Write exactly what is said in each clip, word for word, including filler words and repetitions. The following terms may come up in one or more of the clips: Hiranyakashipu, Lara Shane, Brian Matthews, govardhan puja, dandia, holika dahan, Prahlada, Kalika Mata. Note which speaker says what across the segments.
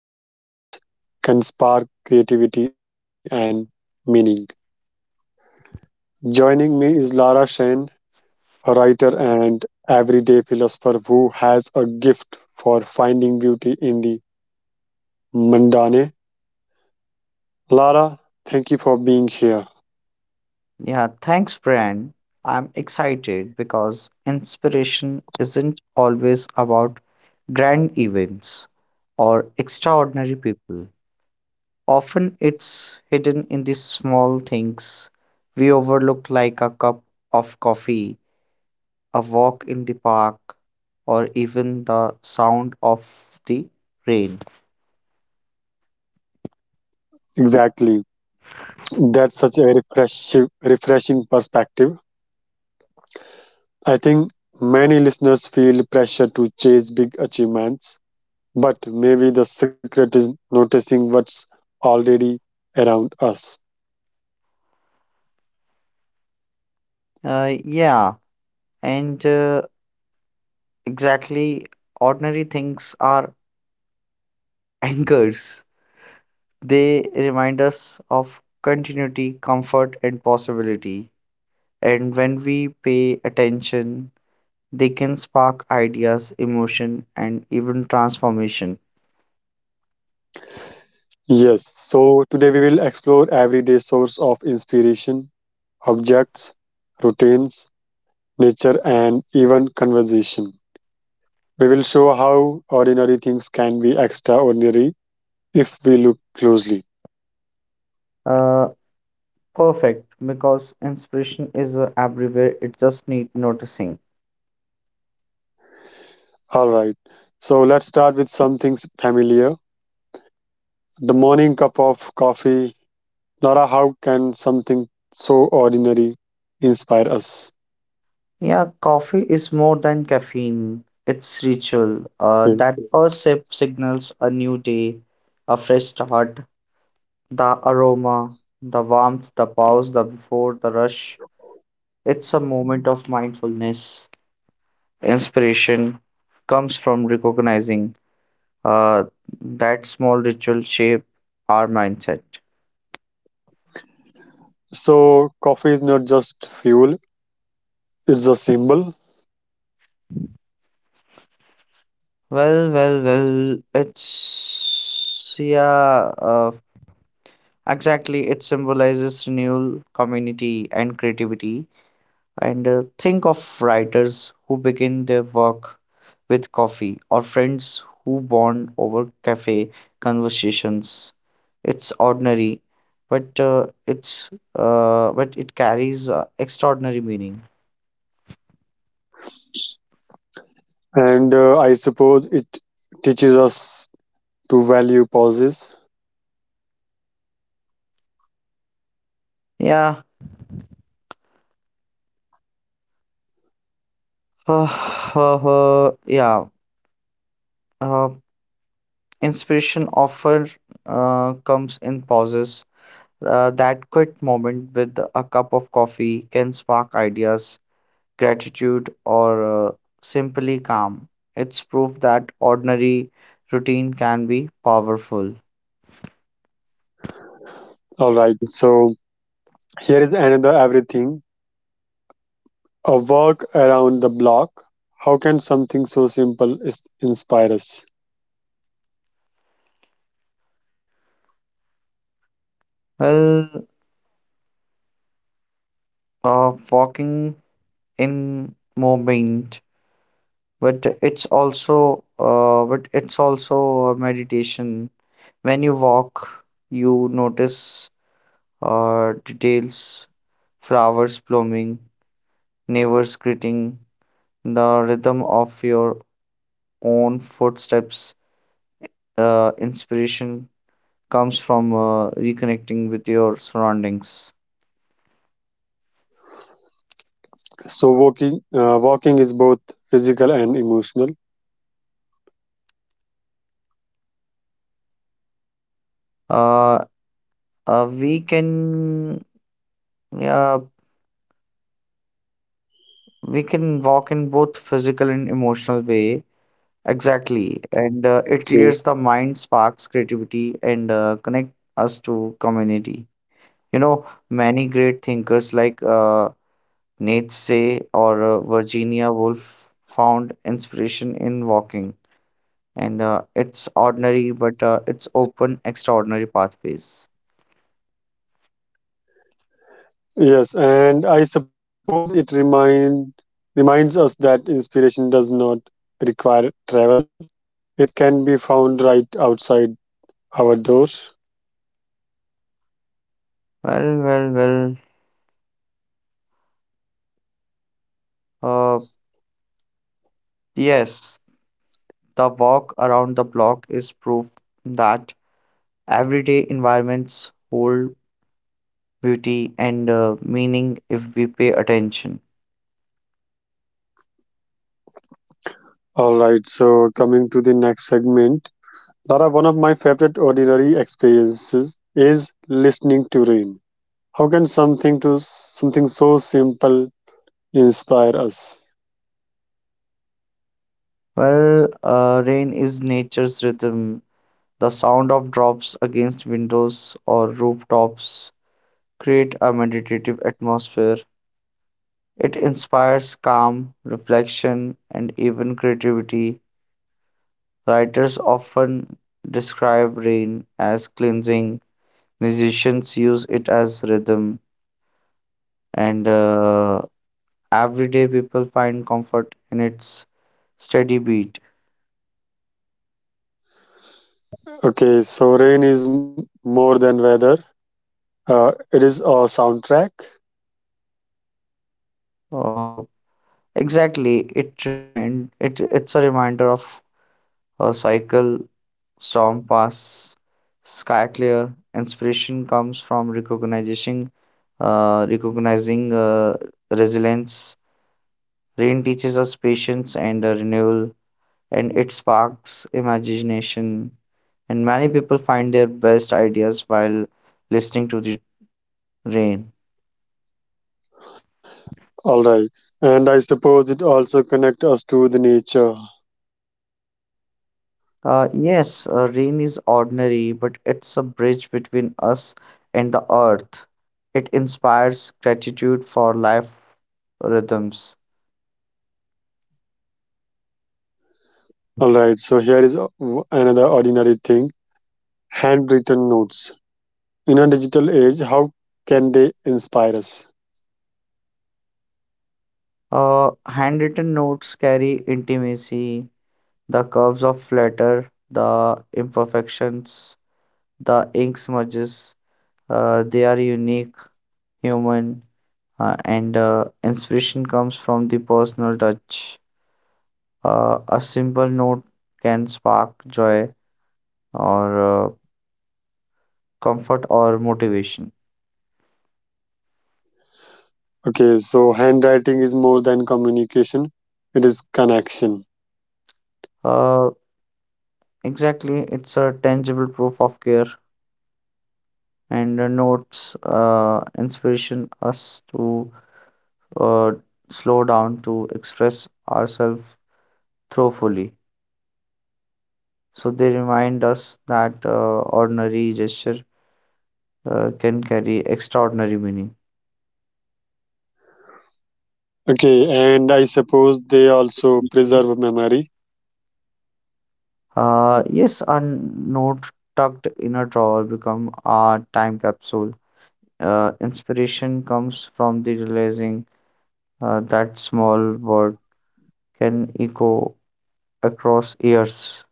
Speaker 1: routine, and moments can spark creativity and meaning. Joining me is Lara Shane, a writer and everyday philosopher who has a gift for finding beauty in the mundane. Lara, thank you for being here.
Speaker 2: Yeah, thanks, Bran. I'm excited because inspiration isn't always about grand events or extraordinary people. Often it's hidden in the small things we overlook, like a cup of coffee, a walk in the park, or even the sound of the rain.
Speaker 1: Exactly. That's such a refreshing, refreshing perspective. I think many listeners feel pressure to chase big achievements, but maybe the secret is noticing what's already around us.
Speaker 2: Uh, yeah, and uh, exactly, ordinary things are anchors. They remind us of continuity, comfort, and possibility. And when we pay attention, they can spark ideas, emotion, and even transformation.
Speaker 1: Yes, so today we will explore everyday source of inspiration, objects, routines, nature and even conversation. We will show how ordinary things can be extraordinary if we look closely.
Speaker 2: Uh, Perfect, because inspiration is uh, everywhere, it just needs noticing.
Speaker 1: All right. So let's start with something s- familiar. The morning cup of coffee. Nora, how can something so ordinary inspire us?
Speaker 2: Yeah, coffee is more than caffeine, it's ritual. Uh,
Speaker 1: Mm.
Speaker 2: that first sip signals a new day, a fresh start, the aroma, the warmth, the pause, the before, the rush. It's a moment of mindfulness. Inspiration comes from recognizing uh, that small ritual shape our mindset.
Speaker 1: So, coffee is not just fuel, it's a symbol.
Speaker 2: Well, well, well, it's yeah, uh, exactly. It symbolizes renewal, community, and creativity. And uh, Think of writers who begin their work with coffee or friends who bond over cafe conversations. It's ordinary, but uh, it's uh, but it carries uh, extraordinary meaning.
Speaker 1: And uh, I suppose it teaches us to value pauses.
Speaker 2: Yeah, uh, uh, uh, yeah. Uh, Inspiration often uh, comes in pauses. Uh, that quick moment with a cup of coffee can spark ideas, gratitude, or uh, simply calm. It's proof that ordinary routine can be powerful.
Speaker 1: All right. So, here is another everything a walk around the block. How can something so simple is inspire us?
Speaker 2: Well, uh, Walking in moment. but it's also uh, but it's also a meditation. When you walk, you notice uh, details, flowers blooming, neighbors greeting, the rhythm of your own footsteps. Uh, inspiration comes from uh, reconnecting with your surroundings.
Speaker 1: So walking, uh, walking is both physical and emotional.
Speaker 2: Uh, uh, we can, yeah, we can walk in both physical and emotional way. Exactly. And uh, It clears
Speaker 1: Okay.
Speaker 2: the mind, sparks creativity, and uh, connect us to community. You know, many great thinkers like uh, Nietzsche or uh, Virginia Woolf found inspiration in walking. And uh, It's ordinary, but uh, it's open, extraordinary pathways.
Speaker 1: Yes, and I suppose it remind reminds us that inspiration does not require travel. It can be found right outside our door.
Speaker 2: Well, well, well. Uh, yes, the walk around the block is proof that everyday environments hold beauty, and uh, meaning if we pay attention.
Speaker 1: All right. So coming to the next segment, Lara, one of my favorite ordinary experiences is listening to rain. How can something to something so simple inspire us?
Speaker 2: Well, uh, rain is nature's rhythm. The sound of drops against windows or rooftops create a meditative atmosphere. It inspires calm, reflection, and even creativity. Writers often describe rain as cleansing. Musicians use it as rhythm, and uh, everyday people find comfort in its steady beat.
Speaker 1: Okay, so rain is more than weather. Uh, it is a soundtrack.
Speaker 2: Uh, Exactly. It remind it it's a reminder of a cycle, storm pass, sky clear. Inspiration comes from recognizing uh, recognizing uh, resilience. Rain teaches us patience and uh, renewal, and it sparks imagination. And many people find their best ideas while listening to the rain.
Speaker 1: All right. And I suppose it also connect us to the nature.
Speaker 2: Uh, yes, uh, rain is ordinary, but it's a bridge between us and the earth. It inspires gratitude for life rhythms.
Speaker 1: All right. So here is a- w- another ordinary thing, handwritten notes. In a digital age, how can they inspire us?
Speaker 2: Uh, handwritten notes carry intimacy, the curves of letter, the imperfections, the ink smudges. Uh, they are unique, human, uh, and uh, inspiration comes from the personal touch. Uh, a simple note can spark joy or uh, comfort or motivation.
Speaker 1: Okay. So handwriting is more than communication. It is connection.
Speaker 2: Uh, exactly, it's a tangible proof of care and the notes uh, inspiration us to uh, slow down to express ourselves thoroughly. So they remind us that uh, ordinary gesture uh, can carry extraordinary meaning.
Speaker 1: Okay. And I suppose they also preserve memory.
Speaker 2: Uh, yes, a note tucked in a drawer become a time capsule. Uh, inspiration comes from the realizing uh, that small word can echo across years.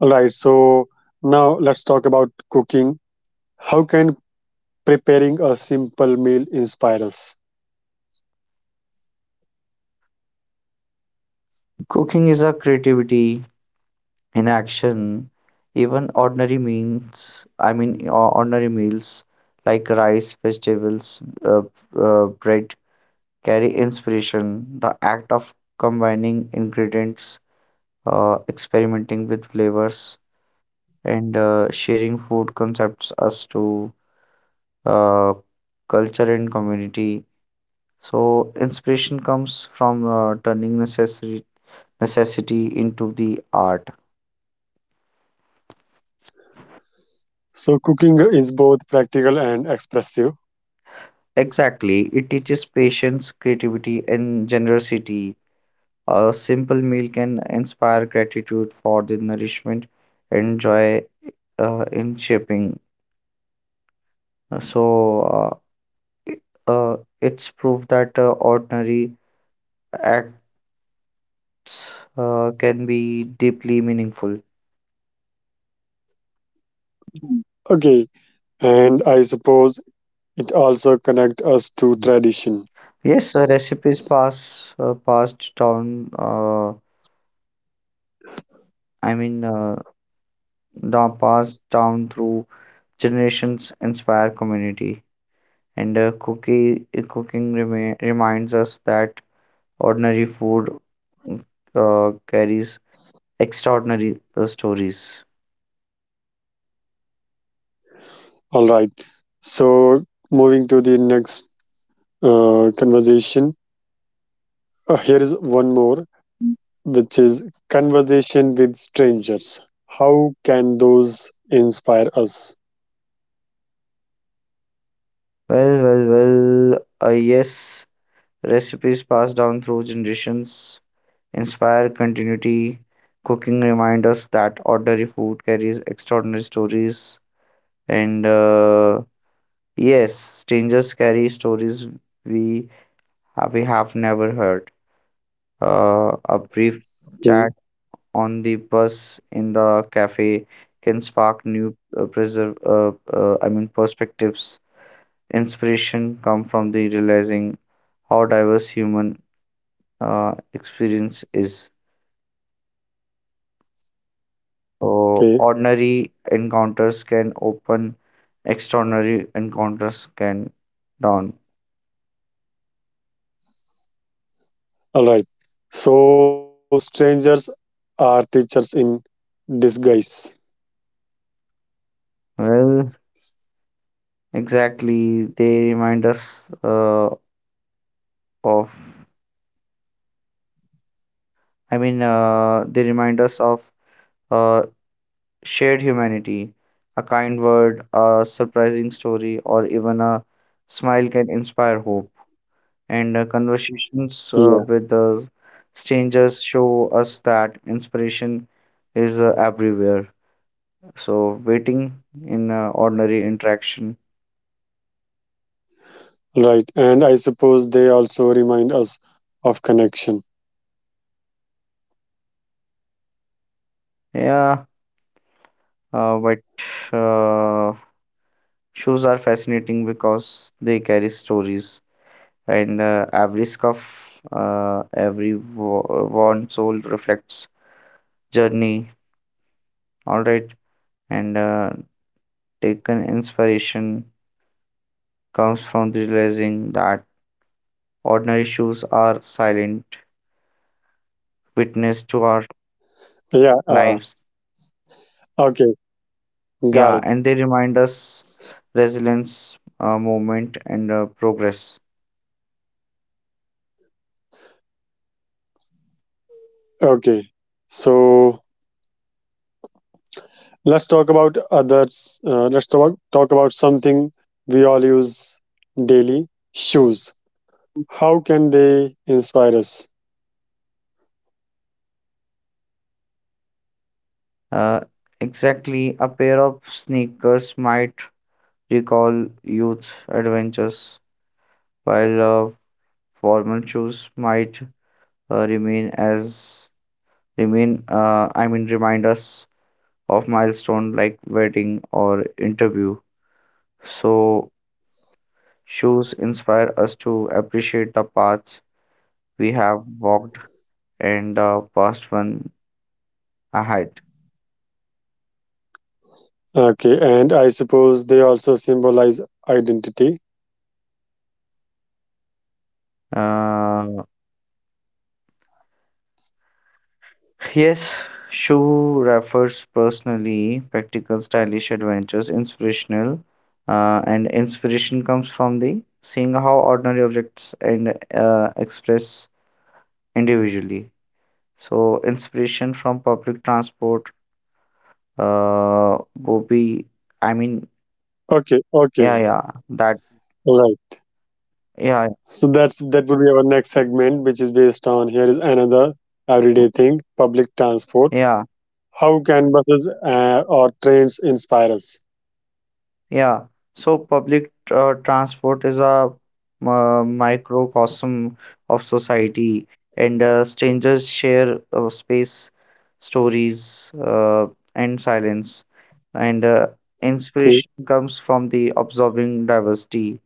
Speaker 1: All right. So now let's talk about cooking. How can preparing a simple meal inspire us?
Speaker 2: Cooking is a creativity in action. Even ordinary means, I mean, or- ordinary meals like rice, vegetables, uh, uh, bread carry inspiration. The act of combining ingredients, uh, experimenting with flavors, and uh, sharing food concepts us to uh, culture and community. So, inspiration comes from uh, turning necessary necessity into the art.
Speaker 1: So cooking is both practical and expressive.
Speaker 2: Exactly, it teaches patience, creativity, and generosity. A simple meal can inspire gratitude for the nourishment and joy uh, in shaping. So, uh, it- uh, it's proof that uh, ordinary acts uh, can be deeply meaningful. Mhm.
Speaker 1: Okay, and I suppose it also connect us to tradition.
Speaker 2: Yes, uh, recipes pass uh, passed down. Uh, I mean, uh, down, Passed down through generations inspire community and uh, cookie cooking remi- reminds us that ordinary food uh, carries extraordinary uh, stories.
Speaker 1: All right. So moving to the next uh, conversation. Uh, here is one more, which is conversation with strangers. How can those inspire us?
Speaker 2: well well well uh, yes, recipes passed down through generations inspire continuity. Cooking reminds us that ordinary food carries extraordinary stories, and uh, yes, strangers carry stories we uh, we have never heard. Uh, a brief chat on the bus in the cafe can spark new uh, preserve, uh, uh, I mean, perspectives. Inspiration come from the realizing how diverse human uh, experience is. So
Speaker 1: Okay.
Speaker 2: ordinary encounters can open, extraordinary encounters can down.
Speaker 1: All right. So strangers are teachers in disguise.
Speaker 2: Well, exactly. They remind us uh, of. I mean, uh, they remind us of uh, shared humanity. A kind word, a surprising story, or even a smile can inspire hope. And uh, Conversations uh,
Speaker 1: Yeah.
Speaker 2: with uh, strangers show us that inspiration is uh, everywhere. So, waiting in uh, ordinary interaction.
Speaker 1: Right. And I suppose they also remind us of connection.
Speaker 2: Yeah, uh, but uh, shoes are fascinating because they carry stories, and uh, every scuff, uh, every wo- worn sole reflects journey. All right. and uh, taken Inspiration comes from realizing that ordinary shoes are silent witness to our
Speaker 1: Yeah. Uh,
Speaker 2: lives.
Speaker 1: okay. Got
Speaker 2: Yeah,
Speaker 1: it.
Speaker 2: and they remind us resilience, uh, movement, and uh, progress.
Speaker 1: Okay. So let's talk about others. Uh, let's talk, talk about something we all use daily shoes. How can they inspire us?
Speaker 2: uh, exactly, a pair of sneakers might recall youth adventures while uh, formal shoes might uh, remain as remain, uh, i mean remind us of milestone like wedding or interview. So shoes inspire us to appreciate the paths we have walked and the past one ahead.
Speaker 1: Okay. And I suppose they also symbolize identity.
Speaker 2: Uh, yes, shoe refers personally practical, stylish adventures, inspirational, uh, and inspiration comes from the seeing how ordinary objects and uh, express individually. So inspiration from public transport, Uh, Bobby, I mean,
Speaker 1: Okay,
Speaker 2: yeah,
Speaker 1: okay,
Speaker 2: yeah, that,
Speaker 1: right.
Speaker 2: yeah,
Speaker 1: So that's that would be our next segment, which is based on here is another
Speaker 2: mm,
Speaker 1: everyday thing: public transport.
Speaker 2: yeah,
Speaker 1: How can buses uh, or trains inspire us?
Speaker 2: yeah. So public uh, transport is a uh, microcosm of society, and uh, strangers share uh, space, stories, uh, and silence, and uh,
Speaker 1: Okay,
Speaker 2: inspiration comes from the observing diversity,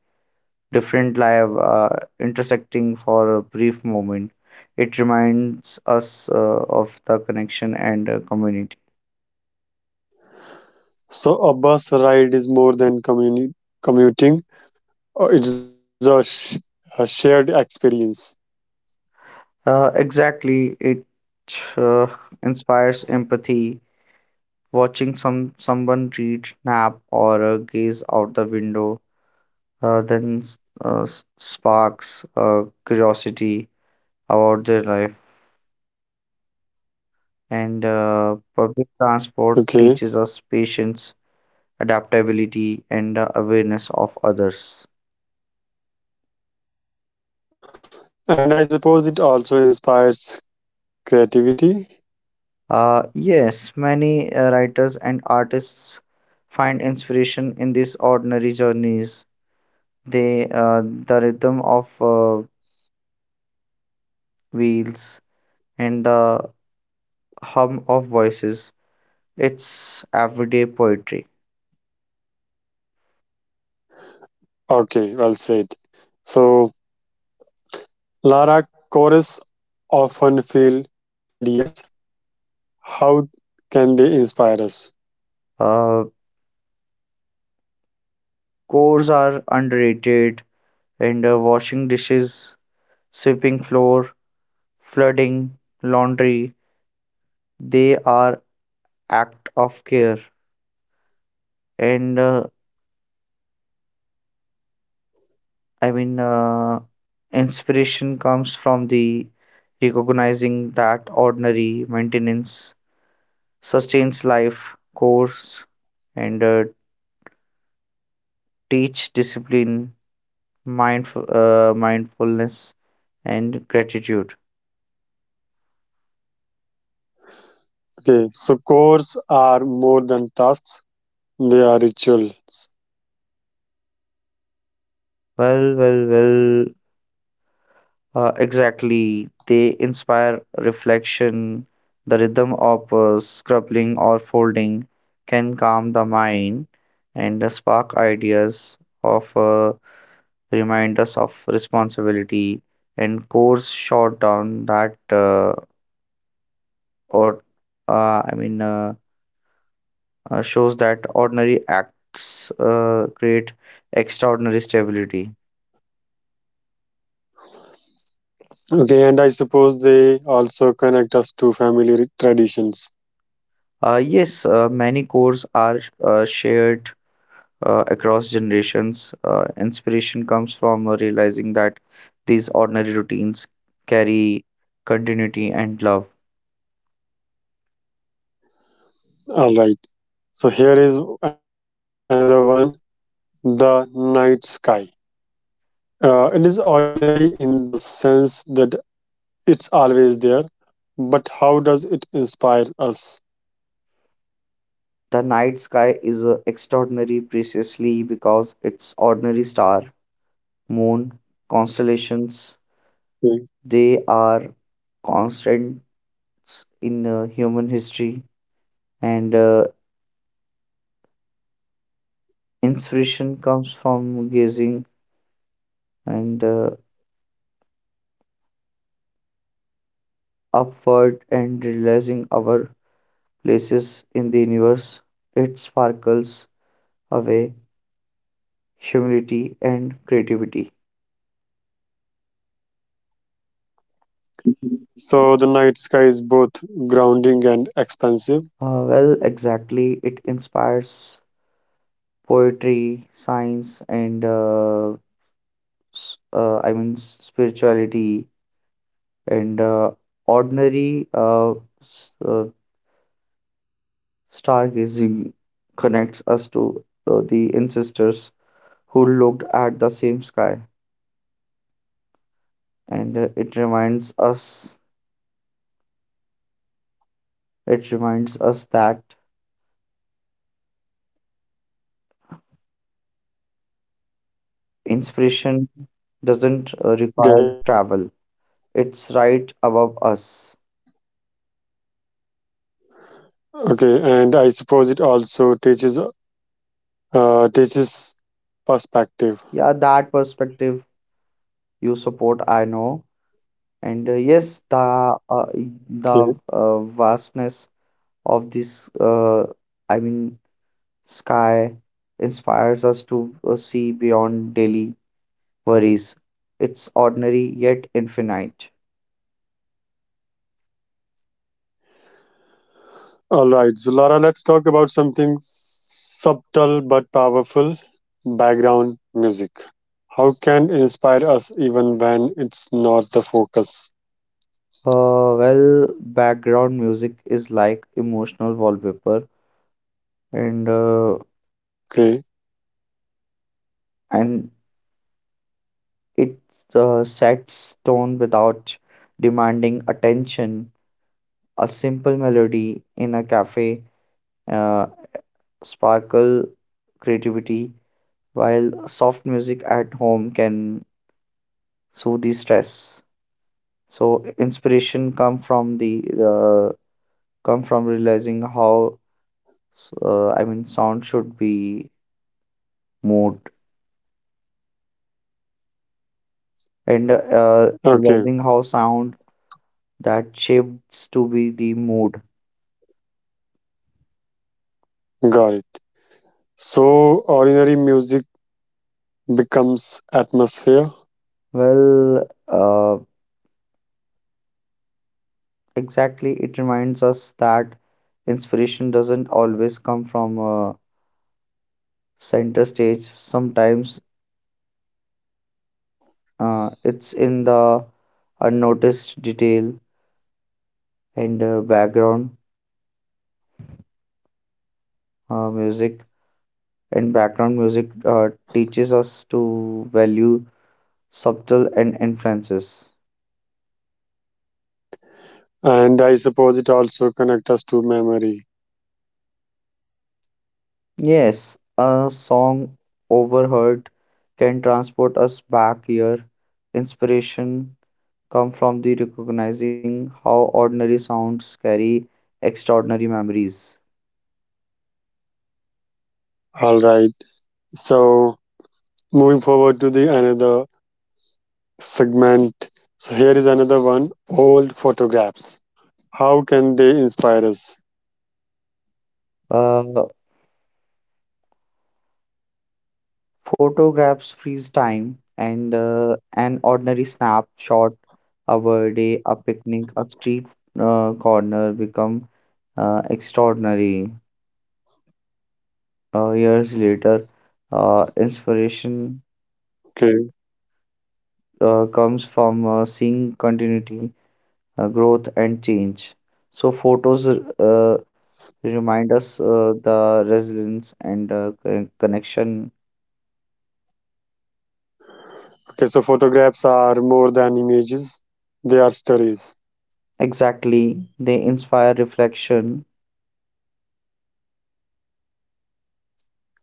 Speaker 2: different live uh, intersecting for a brief moment. It reminds us uh, of the connection and uh, community.
Speaker 1: so a bus ride is more than communi- commuting; uh, it's a, sh- a shared experience.
Speaker 2: Uh, exactly, it uh, inspires empathy. Watching some someone read, nap, or uh, gaze out the window, uh, then uh, s- sparks uh, curiosity about their life. And uh, Public transport
Speaker 1: Okay,
Speaker 2: teaches us patience, adaptability, and uh, awareness of others.
Speaker 1: and I suppose it also inspires creativity.
Speaker 2: Uh, yes, many uh, writers and artists find inspiration in these ordinary journeys. They, uh, the rhythm of uh, wheels and the hum of voices. It's everyday poetry.
Speaker 1: Okay, well said. So Lara chorus often feel tedious. How can they inspire us?
Speaker 2: Uh, Chores are underrated, and uh, washing dishes, sweeping floor, flooding, laundry. They are act of care, and uh, I mean, uh, inspiration comes from the recognizing that ordinary maintenance sustains life, course, and uh, teach discipline, mindful, uh, mindfulness, and gratitude.
Speaker 1: Okay, so chores are more than tasks, they are rituals.
Speaker 2: Well, well, well. Uh, exactly. They inspire reflection. The rhythm of uh, scrubbing or folding can calm the mind and uh, spark ideas of uh, remind us of responsibility and course short down that uh, or uh, I mean uh, uh, shows that ordinary acts uh, create extraordinary stability.
Speaker 1: Okay, and I suppose they also connect us to family traditions.
Speaker 2: Uh, yes, uh, many cores are uh, shared uh, across generations. Uh, inspiration comes from uh, realizing that these ordinary routines carry continuity and love.
Speaker 1: All right, so here is another one the night sky. Uh, it is ordinary in the sense that it's always there, but how does it inspire us?
Speaker 2: The night sky is uh, extraordinary preciously because its ordinary star, moon, constellations,
Speaker 1: Hmm.
Speaker 2: they are constants in uh, human history, and uh, inspiration comes from gazing and uh, upward and realizing our places in the universe. It sparkles away humility and creativity.
Speaker 1: So the night sky is both grounding and expansive.
Speaker 2: Uh, well, exactly. It inspires poetry, science, and uh, s- uh, I mean s- spirituality, and uh, ordinary uh, s- uh, stargazing connects us to uh, the ancestors who looked at the same sky, and uh, it reminds us it reminds us that inspiration doesn't uh,
Speaker 1: Okay,
Speaker 2: require travel, it's right above us.
Speaker 1: okay, and I suppose it also teaches uh, teaches perspective.
Speaker 2: Yeah, that perspective you support, I know. And uh, yes, the uh,
Speaker 1: Okay,
Speaker 2: the uh, vastness of this, uh, I mean, sky inspires us to uh, see beyond daily worries. It's ordinary yet infinite.
Speaker 1: all right. So Lara, let's talk about something subtle but powerful: background music. How can inspire us even when it's not the focus?
Speaker 2: Uh, well, background music is like emotional wallpaper, and uh,
Speaker 1: Okay,
Speaker 2: and it's a set stone without demanding attention. A simple melody in a cafe uh, sparkle creativity, while soft music at home can soothe the stress. So inspiration come from the uh, come from realizing how uh, I mean sound should be mood, and uh,
Speaker 1: okay,
Speaker 2: realizing how sound that shapes to be the mood.
Speaker 1: got it. So ordinary music becomes atmosphere,
Speaker 2: Well, uh, Exactly, it reminds us that inspiration doesn't always come from a center stage. Sometimes uh, it's in the unnoticed detail and uh, background uh, music. And background music uh, teaches us to value subtle and influences.
Speaker 1: and I suppose it also connects us to memory.
Speaker 2: Yes, a song overheard can transport us back here. Inspiration come from the recognizing how ordinary sounds carry extraordinary memories.
Speaker 1: All right. So moving forward to the another segment. So here is another one: old photographs. How can they inspire us?
Speaker 2: Uh, Photographs freeze time, and uh, an ordinary snapshot of a day, a picnic, a street uh, corner become uh, extraordinary. Uh, years later, uh, inspiration
Speaker 1: Okay.
Speaker 2: uh, comes from uh, seeing continuity, uh, growth, and change. So, photos uh, remind us uh, the resilience and uh, con- connection.
Speaker 1: Okay. So photographs are more than images; they are stories.
Speaker 2: Exactly, they inspire reflection.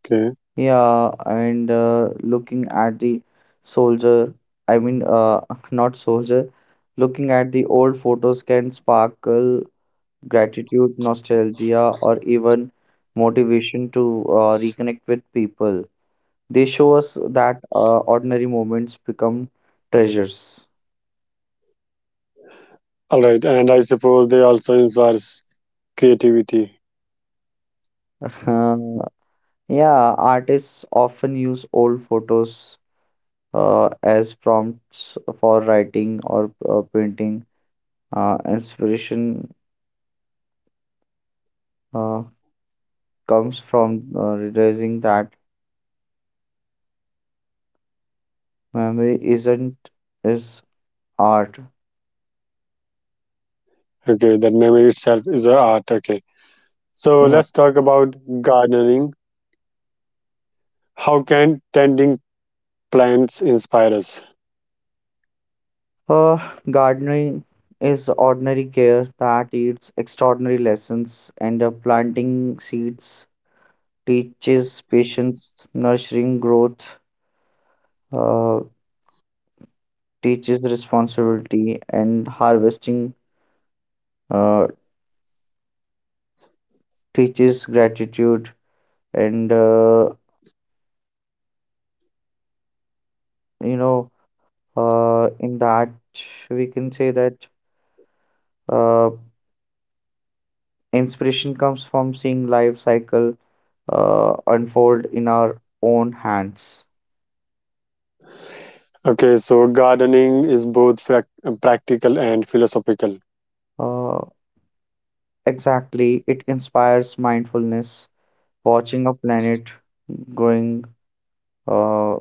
Speaker 1: Okay.
Speaker 2: Yeah, and uh, looking at the soldier, I mean, uh, not soldier, looking at the old photos can sparkle gratitude, nostalgia, or even motivation to uh, reconnect with people. They show us that uh, ordinary moments become treasures.
Speaker 1: All right. And I suppose they also inspires creativity.
Speaker 2: Yeah, artists often use old photos uh, as prompts for writing or uh, painting. Uh, inspiration uh, comes from uh, realizing that memory isn't is art.
Speaker 1: Okay. That memory itself is an art. Okay. So
Speaker 2: Yeah.
Speaker 1: let's talk about gardening. How can tending plants inspire us?
Speaker 2: Uh, Gardening is ordinary care that yields extraordinary lessons, and uh, planting seeds teaches patience, nurturing growth, uh, teaches responsibility, and harvesting uh, teaches gratitude, and uh, you know, uh, in that we can say that uh, inspiration comes from seeing life cycle uh, unfold in our own hands.
Speaker 1: Okay, so gardening is both prac- practical and philosophical.
Speaker 2: uh, exactly, it inspires mindfulness, watching a planet growing uh,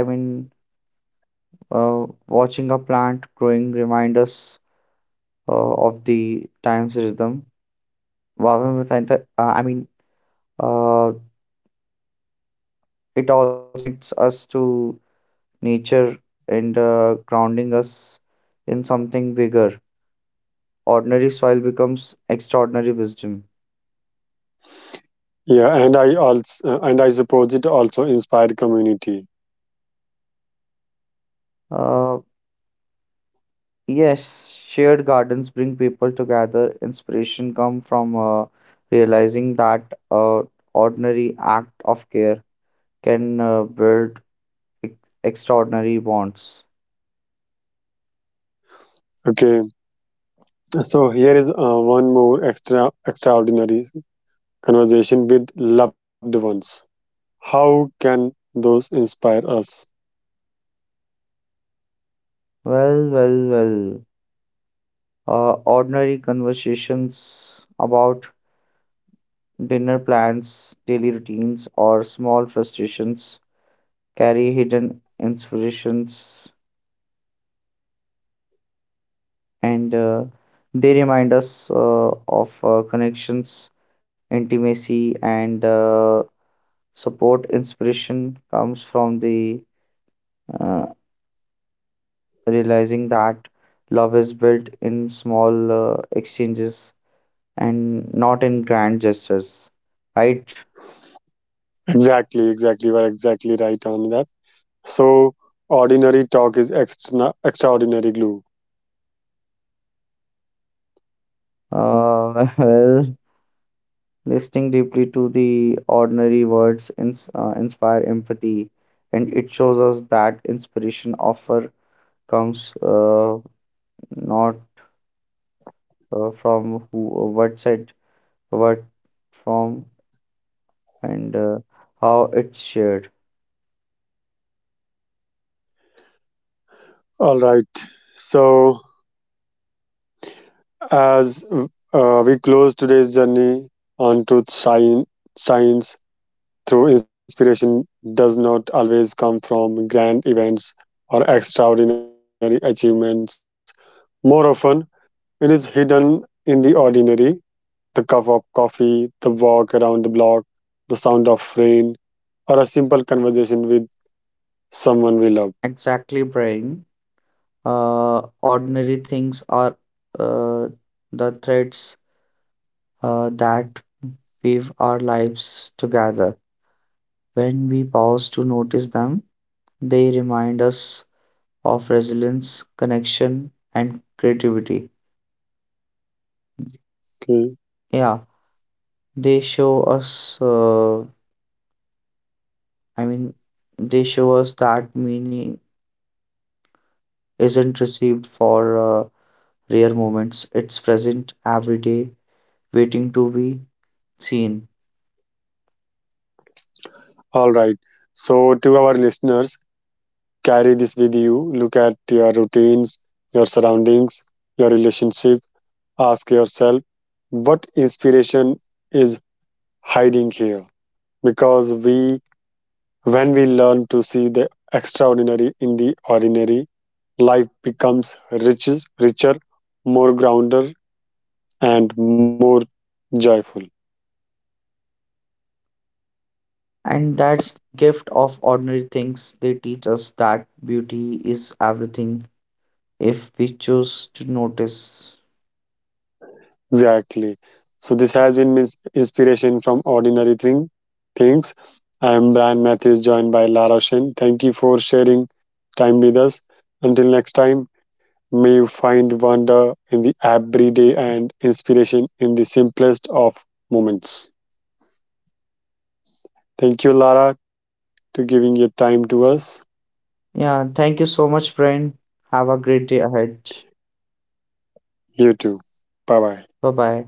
Speaker 2: i mean uh, watching a plant growing remind us uh, of the time's rhythm. Wow, I mean, uh, It also connects us to nature, and uh, grounding us in something bigger. Ordinary soil becomes extraordinary wisdom.
Speaker 1: Yeah, and I also and I suppose it also inspired community.
Speaker 2: Uh, yes, shared gardens bring people together. Inspiration come from uh, realizing that uh, ordinary act of care can uh, build ex- extraordinary bonds.
Speaker 1: Okay, so here is uh, one more extra extraordinary conversation with loved ones. How can those inspire us?
Speaker 2: Well, well, well. Uh, ordinary conversations about dinner plans, daily routines, or small frustrations carry hidden inspirations, and uh, they remind us uh, of uh, connections, intimacy, and uh, support. Inspiration comes from the uh, realizing that love is built in small uh, exchanges and not in grand gestures, right?
Speaker 1: Exactly, exactly. You are exactly right on that. So ordinary talk is extra extraordinary glue.
Speaker 2: Uh, well, Listening deeply to the ordinary words ins- uh, inspire empathy, and it shows us that inspiration often comes uh, not uh, from who, what said, what from, and uh, how it's shared.
Speaker 1: All right. So as uh, we close today's journey on truth shine, shines through inspiration does not always come from grand events or extraordinary achievements. More often, it is hidden in the ordinary the cup of coffee, the walk around the block, the sound of rain, or a simple conversation with someone we love.
Speaker 2: Exactly, Brian. Uh, ordinary things are uh, the threads uh, that weave our lives together. When we pause to notice them, they remind us of resilience, connection, and creativity.
Speaker 1: Okay.
Speaker 2: Yeah, they show us, uh, I mean, they show us that meaning isn't received for uh, rare moments, it's present every day, waiting to be seen.
Speaker 1: All right. So, to our listeners, carry this with you look at your routines your surroundings your relationship ask yourself what inspiration is hiding here because we when we learn to see the extraordinary in the ordinary life becomes richer richer more grounded and more joyful.
Speaker 2: And that's the gift of ordinary things. They teach us that beauty is everything if we choose to notice.
Speaker 1: Exactly. So this has been mis- inspiration from ordinary thing things. I am Brian Mathis, joined by Lara Shen. Thank you for sharing time with us. Until next time, may you find wonder in the everyday and inspiration in the simplest of moments. Thank you, Lara, to giving your time to us.
Speaker 2: Yeah, thank you so much, Brian. Have a great day ahead.
Speaker 1: You too. Bye
Speaker 2: Bye
Speaker 1: bye.
Speaker 2: bye.